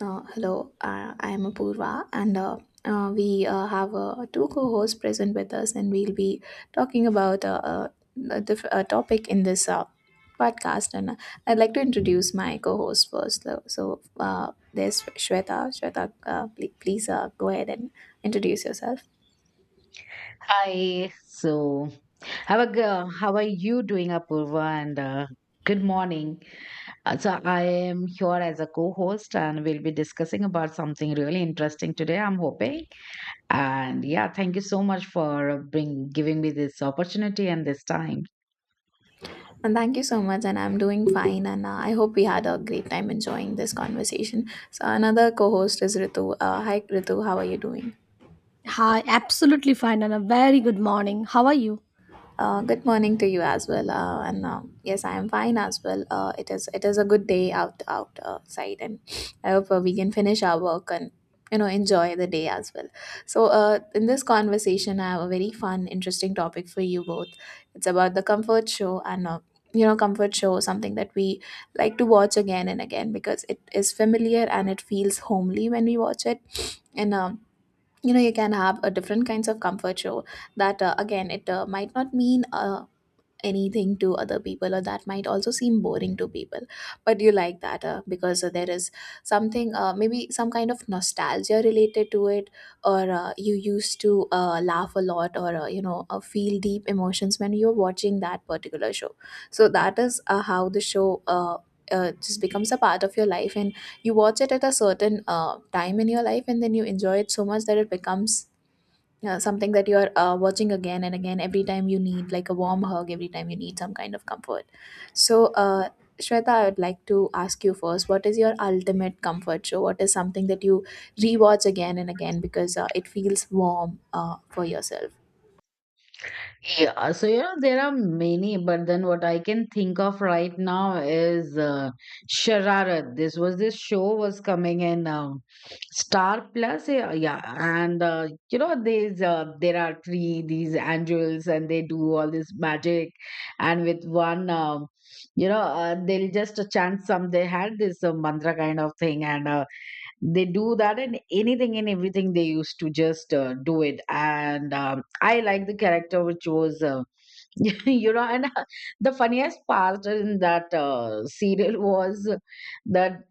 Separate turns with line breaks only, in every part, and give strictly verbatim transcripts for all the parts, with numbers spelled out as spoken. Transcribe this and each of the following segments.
Uh, hello, uh, I am Apurva, and uh, uh, we uh, have uh, two co hosts present with us, and we'll be talking about uh, uh, a, diff- a topic in this uh, podcast. And uh, I'd like to introduce my co host first. So, so, uh, there's Shweta. Shweta, uh, pl- please uh, go ahead and introduce yourself.
Hi. So, how are, go- how are you doing, Apurva? And uh, good morning. Uh, So, I am here as a co host and we'll be discussing about something really interesting today, I'm hoping. And yeah, thank you so much for uh, bring, giving me this opportunity and this time.
And thank you so much. And I'm doing fine. And uh, I hope we had a great time enjoying this conversation. So, another co host is Ritu. Uh, hi, Ritu, how are you doing?
Hi, absolutely fine, and a very good morning. How are you?
Uh, good morning to you as well. Uh, and um, yes, I am fine as well. Uh, it is it is a good day out out outside, and I hope uh, we can finish our work and you know enjoy the day as well. So uh, in this conversation, I have a very fun, interesting topic for you both. It's about the comfort show and. Uh, you know comfort show something that we like to watch again and again because it is familiar and it feels homely when we watch it and um You know, you can have a different kinds of comfort show that uh, again it uh, might not mean uh, anything to other people or that might also seem boring to people but you like that uh, because uh, there is something uh, maybe some kind of nostalgia related to it or uh, you used to uh, laugh a lot or uh, you know uh, feel deep emotions when you're watching that particular show. So that is uh, how the show uh, uh, just becomes a part of your life and you watch it at a certain uh, time in your life and then you enjoy it so much that it becomes uh, something that you are uh, watching again and again every time you need like a warm hug, every time you need some kind of comfort. So uh, Shweta, I would like to ask you first, what is your ultimate comfort show? What is something that you rewatch again and again because uh, it feels warm uh, for yourself?
Yeah, so you know there are many, but then what I can think of right now is uh, Shararat. This was this show was coming in um, Star Plus, yeah, yeah, and uh, you know these uh, there are three these angels and they do all this magic, and with one um, you know uh, they'll just chant some. They had this uh, mantra kind of thing, and uh, they do that in anything and everything they used to just uh, do it and um, I like the character which was uh, you know and uh, the funniest part in that uh, serial was that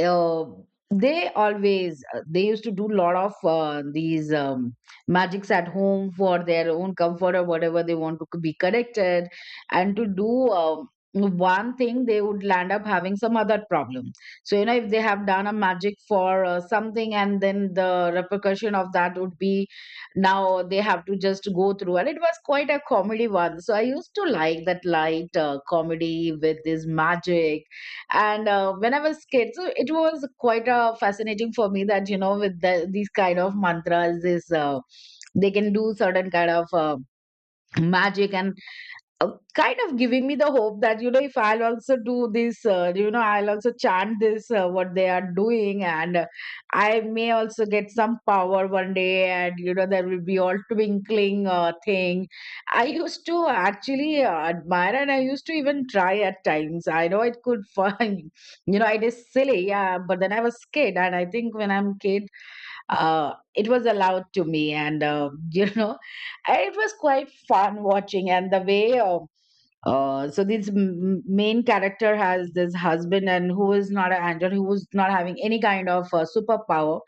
uh, they always uh, they used to do a lot of uh, these um, magics at home for their own comfort or whatever they want to be connected and to do um, one thing they would land up having some other problem. So you know if they have done a magic for uh, something and then the repercussion of that would be now they have to just go through, and it was quite a comedy one, so I used to like that light uh, comedy with this magic. And uh, when I was kid, so it was quite uh, fascinating for me that you know with the, these kind of mantras this uh, they can do certain kind of uh, magic, and uh, kind of giving me the hope that you know if I'll also do this uh, you know I'll also chant this uh, what they are doing, and uh, I may also get some power one day, and you know there will be all twinkling uh, thing. I used to actually uh, admire, and I used to even try at times. I know it could find, you know, it is silly, yeah, but then I was kid, and I think when I'm kid, uh, it was allowed to me. And uh, you know, it was quite fun watching. And the way uh, uh, so this m- main character has this husband, and who is not an angel, who is not having any kind of uh, superpower,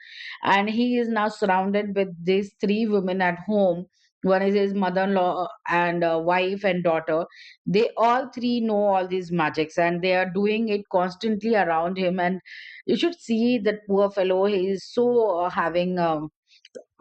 and he is now surrounded with these three women at home. One is his mother-in-law, and uh, wife and daughter. They all three know all these magics, and they are doing it constantly around him. And you should see that poor fellow, he is so uh, having um,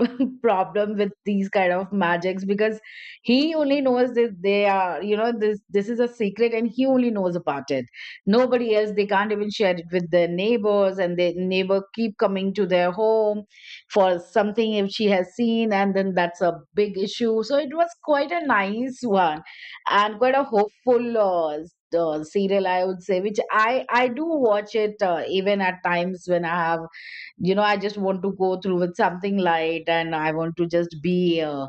problem with these kind of magics, because he only knows that they are, you know, this this is a secret and he only knows about it, nobody else. They can't even share it with their neighbors, and their neighbor keep coming to their home for something if she has seen, and then that's a big issue. So it was quite a nice one and quite a hopeful uh, s- uh, serial, I would say, which i i do watch it uh, even at times when I have, you know, I just want to go through with something light and I want to just be uh,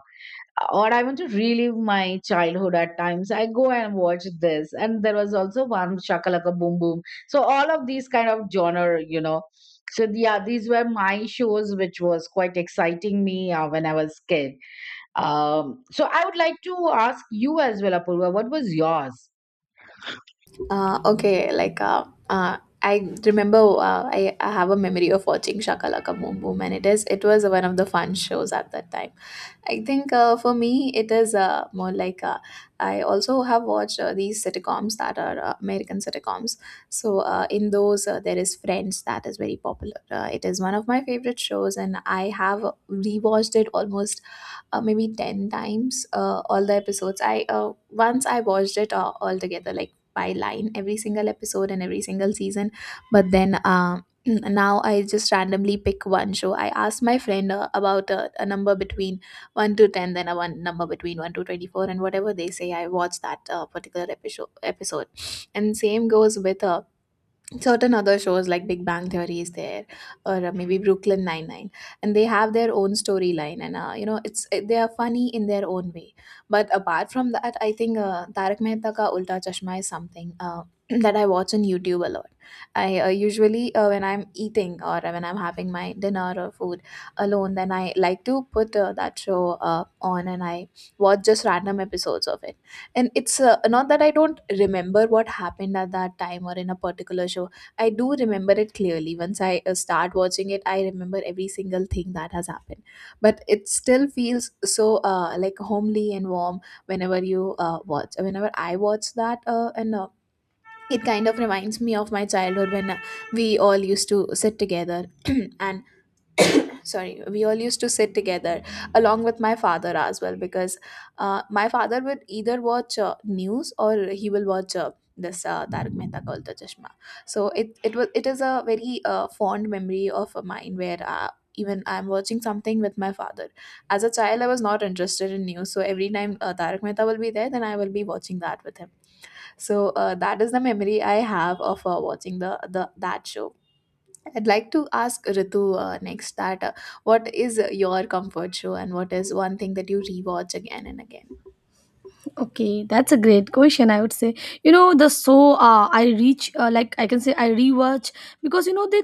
or I want to relive my childhood. At times I go and watch this, and there was also one Shakalaka Boom Boom, so all of these kind of genre, you know. So yeah, these were my shows which was quite exciting me uh, when I was kid. Um, so I would like to ask you as well, Apurva, what was yours.
Uh, okay, like uh, uh, I remember uh, I, I have a memory of watching Shakalaka Boom Boom, and it is it was one of the fun shows at that time. I think uh, for me it is uh, more like uh, I also have watched uh, these sitcoms that are uh, American sitcoms. So uh, in those uh, there is Friends that is very popular. Uh, it is one of my favorite shows, and I have rewatched it almost uh, maybe ten times. uh, all the episodes, I uh, once I watched it all, all together, like by line every single episode and every single season. But then uh, now I just randomly pick one show. I asked my friend uh, about a, a number between one to ten, then a one number between one to twenty-four, and whatever they say I watch that uh, particular episode episode. And same goes with uh, certain other shows, like Big Bang Theory is there, or uh, maybe Brooklyn Nine Nine, and they have their own storyline, and uh, you know it's it, they are funny in their own way. But apart from that, I think uh, Tarak Mehta Ka Ulta Chashma is something uh, that I watch on YouTube a lot. I uh, usually uh, when I'm eating, or uh, when I'm having my dinner or food alone, then I like to put uh, that show uh, on, and I watch just random episodes of it. And it's uh, not that I don't remember what happened at that time or in a particular show. I do remember it clearly. Once I uh, start watching it, I remember every single thing that has happened. But it still feels so uh, like homely and warm whenever you uh, watch. Whenever I watch that, uh, and uh, it kind of reminds me of my childhood when uh, we all used to sit together and sorry, we all used to sit together along with my father as well, because uh, my father would either watch uh, news or he will watch uh, this uh, Tarak Mehta Ka Ulta Chashma. So it it was it is a very uh, fond memory of mine where uh, even I'm watching something with my father. As a child, I was not interested in news, so every time uh, Tarak Mehta will be there, then I will be watching that with him. So uh, that is the memory I have of uh, watching the the that show. I'd like to ask Ritu uh, next that uh, what is your comfort show, and what is one thing that you rewatch again and again?
Okay, that's a great question. I would say, you know, the so uh, I reach uh, like I can say I rewatch because you know they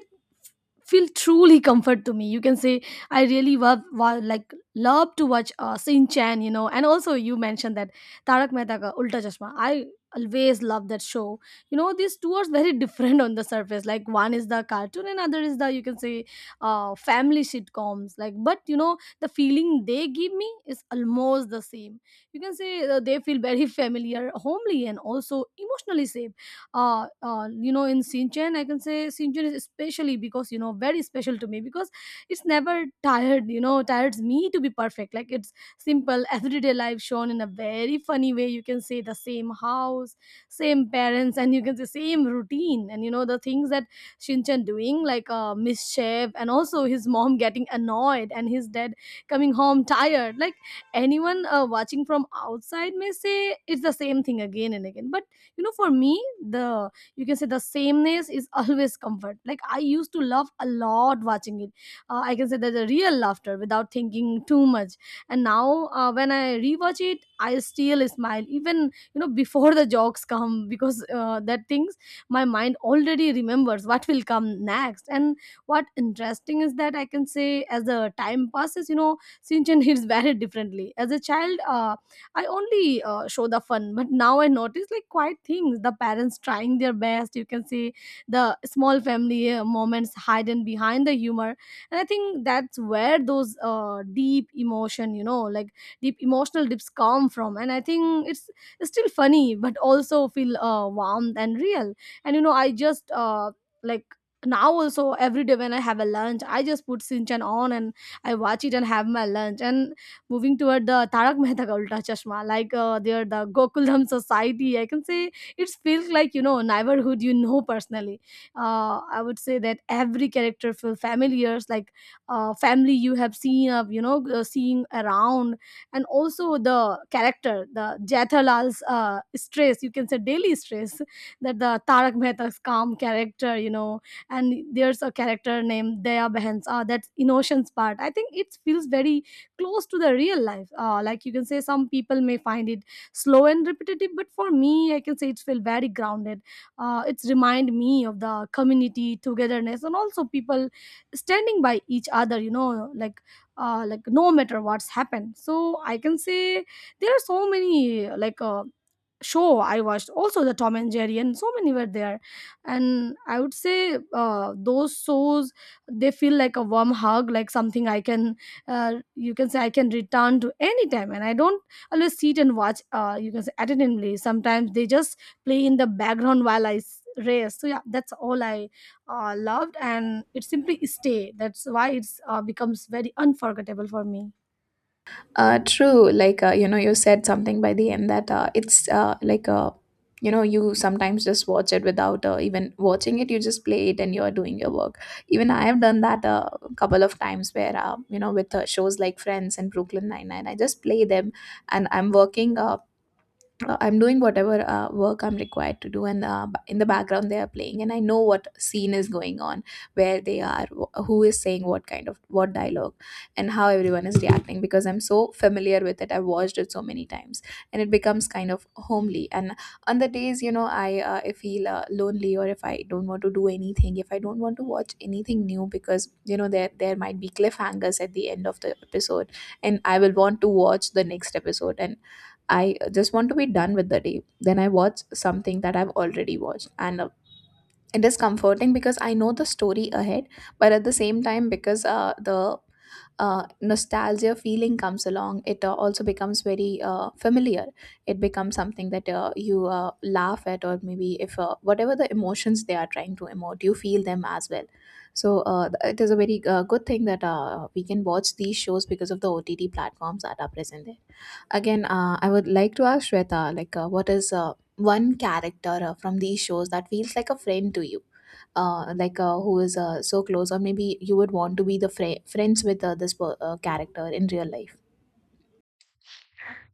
feel truly comfort to me, you can say. I really love wa- like love to watch uh sin chan, you know, and also you mentioned that Tarak Mehta Ka Ulta Chashma. I always love that show. You know, these two are very different on the surface. Like one is the cartoon and other is the, you can say, uh family sitcoms, like, but you know the feeling they give me is almost the same. You can say uh, they feel very familiar, homely, and also emotionally safe. Uh, uh you know, in Sinchen, I can say Sinchen is especially, because, you know, very special to me, because it's never tired, you know, tires me to be perfect. Like it's simple everyday life shown in a very funny way. You can say the same house, same parents, and you can say same routine. And you know the things that Shinchan doing, like uh, mischief, and also his mom getting annoyed and his dad coming home tired. Like anyone uh, watching from outside may say it's the same thing again and again, but you know, for me, the you can say the sameness is always comfort. Like I used to love a lot watching it. uh, I can say there's a real laughter without thinking too much. And now uh, when I rewatch it, I still smile even, you know, before the jokes come, because uh, that things, my mind already remembers what will come next. And what interesting is that, I can say, as the time passes, you know, Sinchan hits very differently. As a child, uh, I only uh, show the fun, but now I notice like quiet things. The parents trying their best. You can see the small family uh, moments hidden behind the humor, and I think that's where those uh, deep emotion, you know, like deep emotional dips come from. And I think it's, it's still funny, but also feel uh, warm and real. And you know, I just uh, like now also every day when I have a lunch, I just put Sinchan on and I watch it and have my lunch. And moving toward the Tarak Mehta Ka Ulta Chashma, like uh, are the Gokuldham Society. I can say it feels like, you know, neighborhood, you know, personally. Uh, I would say that every character feels familiar, like uh, family you have seen, uh, you know, uh, seeing around, and also the character, the Jethalal's uh, stress. You can say daily stress, that the Tarak Mehta's calm character, you know, and there's a character named Daya Behensa, that's innocence part. I think it feels very close to the real life uh, like you can say some people may find it slow and repetitive, but for me, I can say it felt very grounded. Uh, it's remind me of the community togetherness and also people standing by each other, you know, like uh, like no matter what's happened. So I can say there are so many like uh, show I watched. Also the Tom and Jerry, and so many were there. And I would say uh, those shows, they feel like a warm hug, like something I can, uh, you can say I can return to anytime. And I don't always sit and watch. Uh, you can say attentively. Sometimes they just play in the background while I s- race. So yeah, that's all I uh, loved, and it simply stay. That's why it's uh, becomes very unforgettable for me.
Uh, true, like uh, you know, you said something by the end that uh, it's uh, like uh, you know, you sometimes just watch it without uh, even watching it. You just play it and you are doing your work. Even I have done that a couple of times where uh, you know, with uh, shows like Friends and Brooklyn Nine Nine, I just play them and I'm working. Uh, uh, I'm doing whatever uh, work I'm required to do, and uh, b- in the background they are playing, and I know what scene is going on, where they are, wh- who is saying what kind of what dialogue, and how everyone is reacting, because I'm so familiar with it. I've watched it so many times, and it becomes kind of homely. And on the days, you know, I uh, I feel uh, lonely, or if I don't want to do anything, if I don't want to watch anything new, because you know there there might be cliffhangers at the end of the episode, and I will want to watch the next episode, and I just want to be done with the day. Then I watch something that I've already watched. And uh, it is comforting because I know the story ahead, but at the same time, because uh, the uh, nostalgia feeling comes along, it uh, also becomes very uh, familiar. It becomes something that uh, you uh, laugh at, or maybe if uh, whatever the emotions they are trying to emote, you feel them as well. So uh, th- it is a very uh, good thing that uh, we can watch these shows because of the O T T platforms that are present there. Again, uh, I would like to ask Shweta, like, uh, what is uh, one character uh, from these shows that feels like a friend to you? Uh, like, uh, who is uh, so close, or maybe you would want to be the fri friends with uh, this per- uh, character in real life?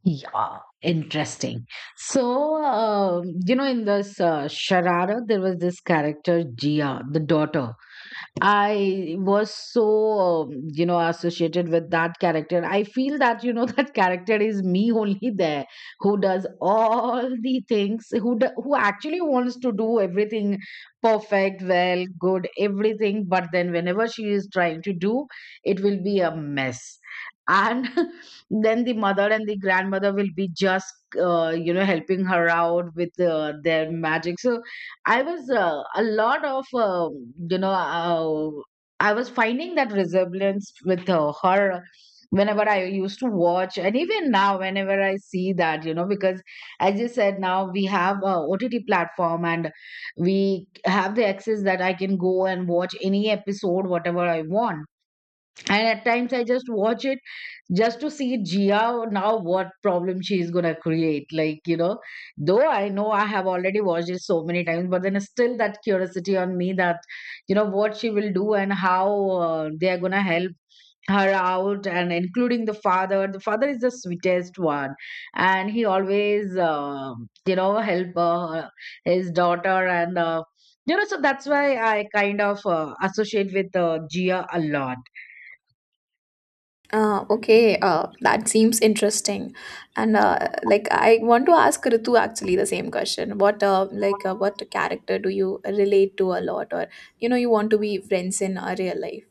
Yeah, interesting. So, um, you know, in this uh, Sharara, there was this character, Jia, the daughter. I was so, um, you know, associated with that character. I feel that, you know, that character is me only there, who does all the things, who, do, who actually wants to do everything perfect, well, good, everything. But then whenever she is trying to do, it will be a mess. And then the mother and the grandmother will be just, uh, you know, helping her out with uh, their magic. So I was uh, a lot of, um, you know, uh, I was finding that resemblance with uh, her whenever I used to watch, and even now, whenever I see that, you know, because as you said, now we have a O T T platform and we have the access that I can go and watch any episode, whatever I want. And at times, I just watch it just to see Gia now what problem she is gonna create. Like, you know, though I know I have already watched it so many times, but then still that curiosity on me that, you know, what she will do and how uh, they are gonna help her out. And including the father, the father is the sweetest one, and he always uh, you know help uh, his daughter, and uh, you know, so that's why I kind of uh, associate with uh, Gia a lot.
Uh, okay, uh, that seems interesting, and uh, like I want to ask Ritu actually the same question. What uh, like uh, what character do you relate to a lot, or you know, you want to be friends in uh, real life?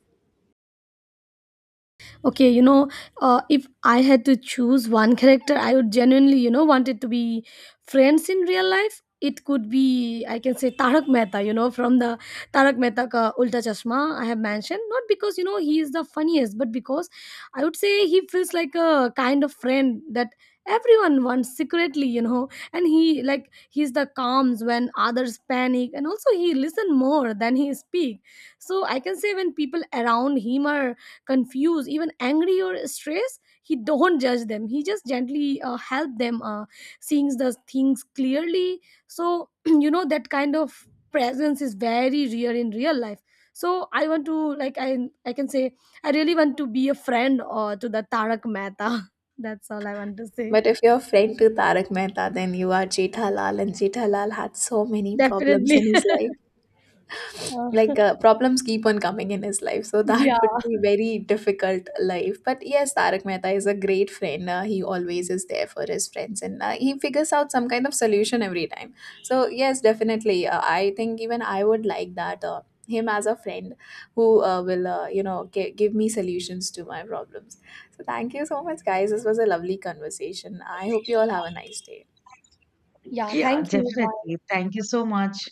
Okay, you know, uh, if I had to choose one character I would genuinely, you know, want it to be friends in real life, it could be, I can say, Tarak Mehta, you know, from the Tarak Mehta Ka Ulta Chashma I have mentioned. Not because, you know, he is the funniest, but because I would say he feels like a kind of friend that everyone wants secretly, you know. And he like, he's the calms when others panic, and also he listen more than he speak. So I can say when people around him are confused, even angry or stressed, he don't judge them. He just gently uh, help them uh, seeing the things clearly. So you know, that kind of presence is very rare in real life. So I want to, like i I can say, I really want to be a friend or to the Tarak Mehta. That's all I want to say.
But if you're a friend to Tarak Mehta, then you are Jethalal, and Jethalal had so many problems
Definitely.
in his life. Like
Uh,
uh, problems keep on coming in his life, so
yeah,
that would be very difficult life. But yes, Tarak Mehta is a great friend. uh, he always is there for his friends, and uh, he figures out some kind of solution every time. So yes, definitely, uh, I think even I would like that uh, him as a friend, who uh, will uh, you know gi- give me solutions to my problems. So thank you so much, guys. This was a lovely conversation. I hope you all have a nice day.
yeah,
Yeah,
thank you,
definitely,
bye.
thank you so much.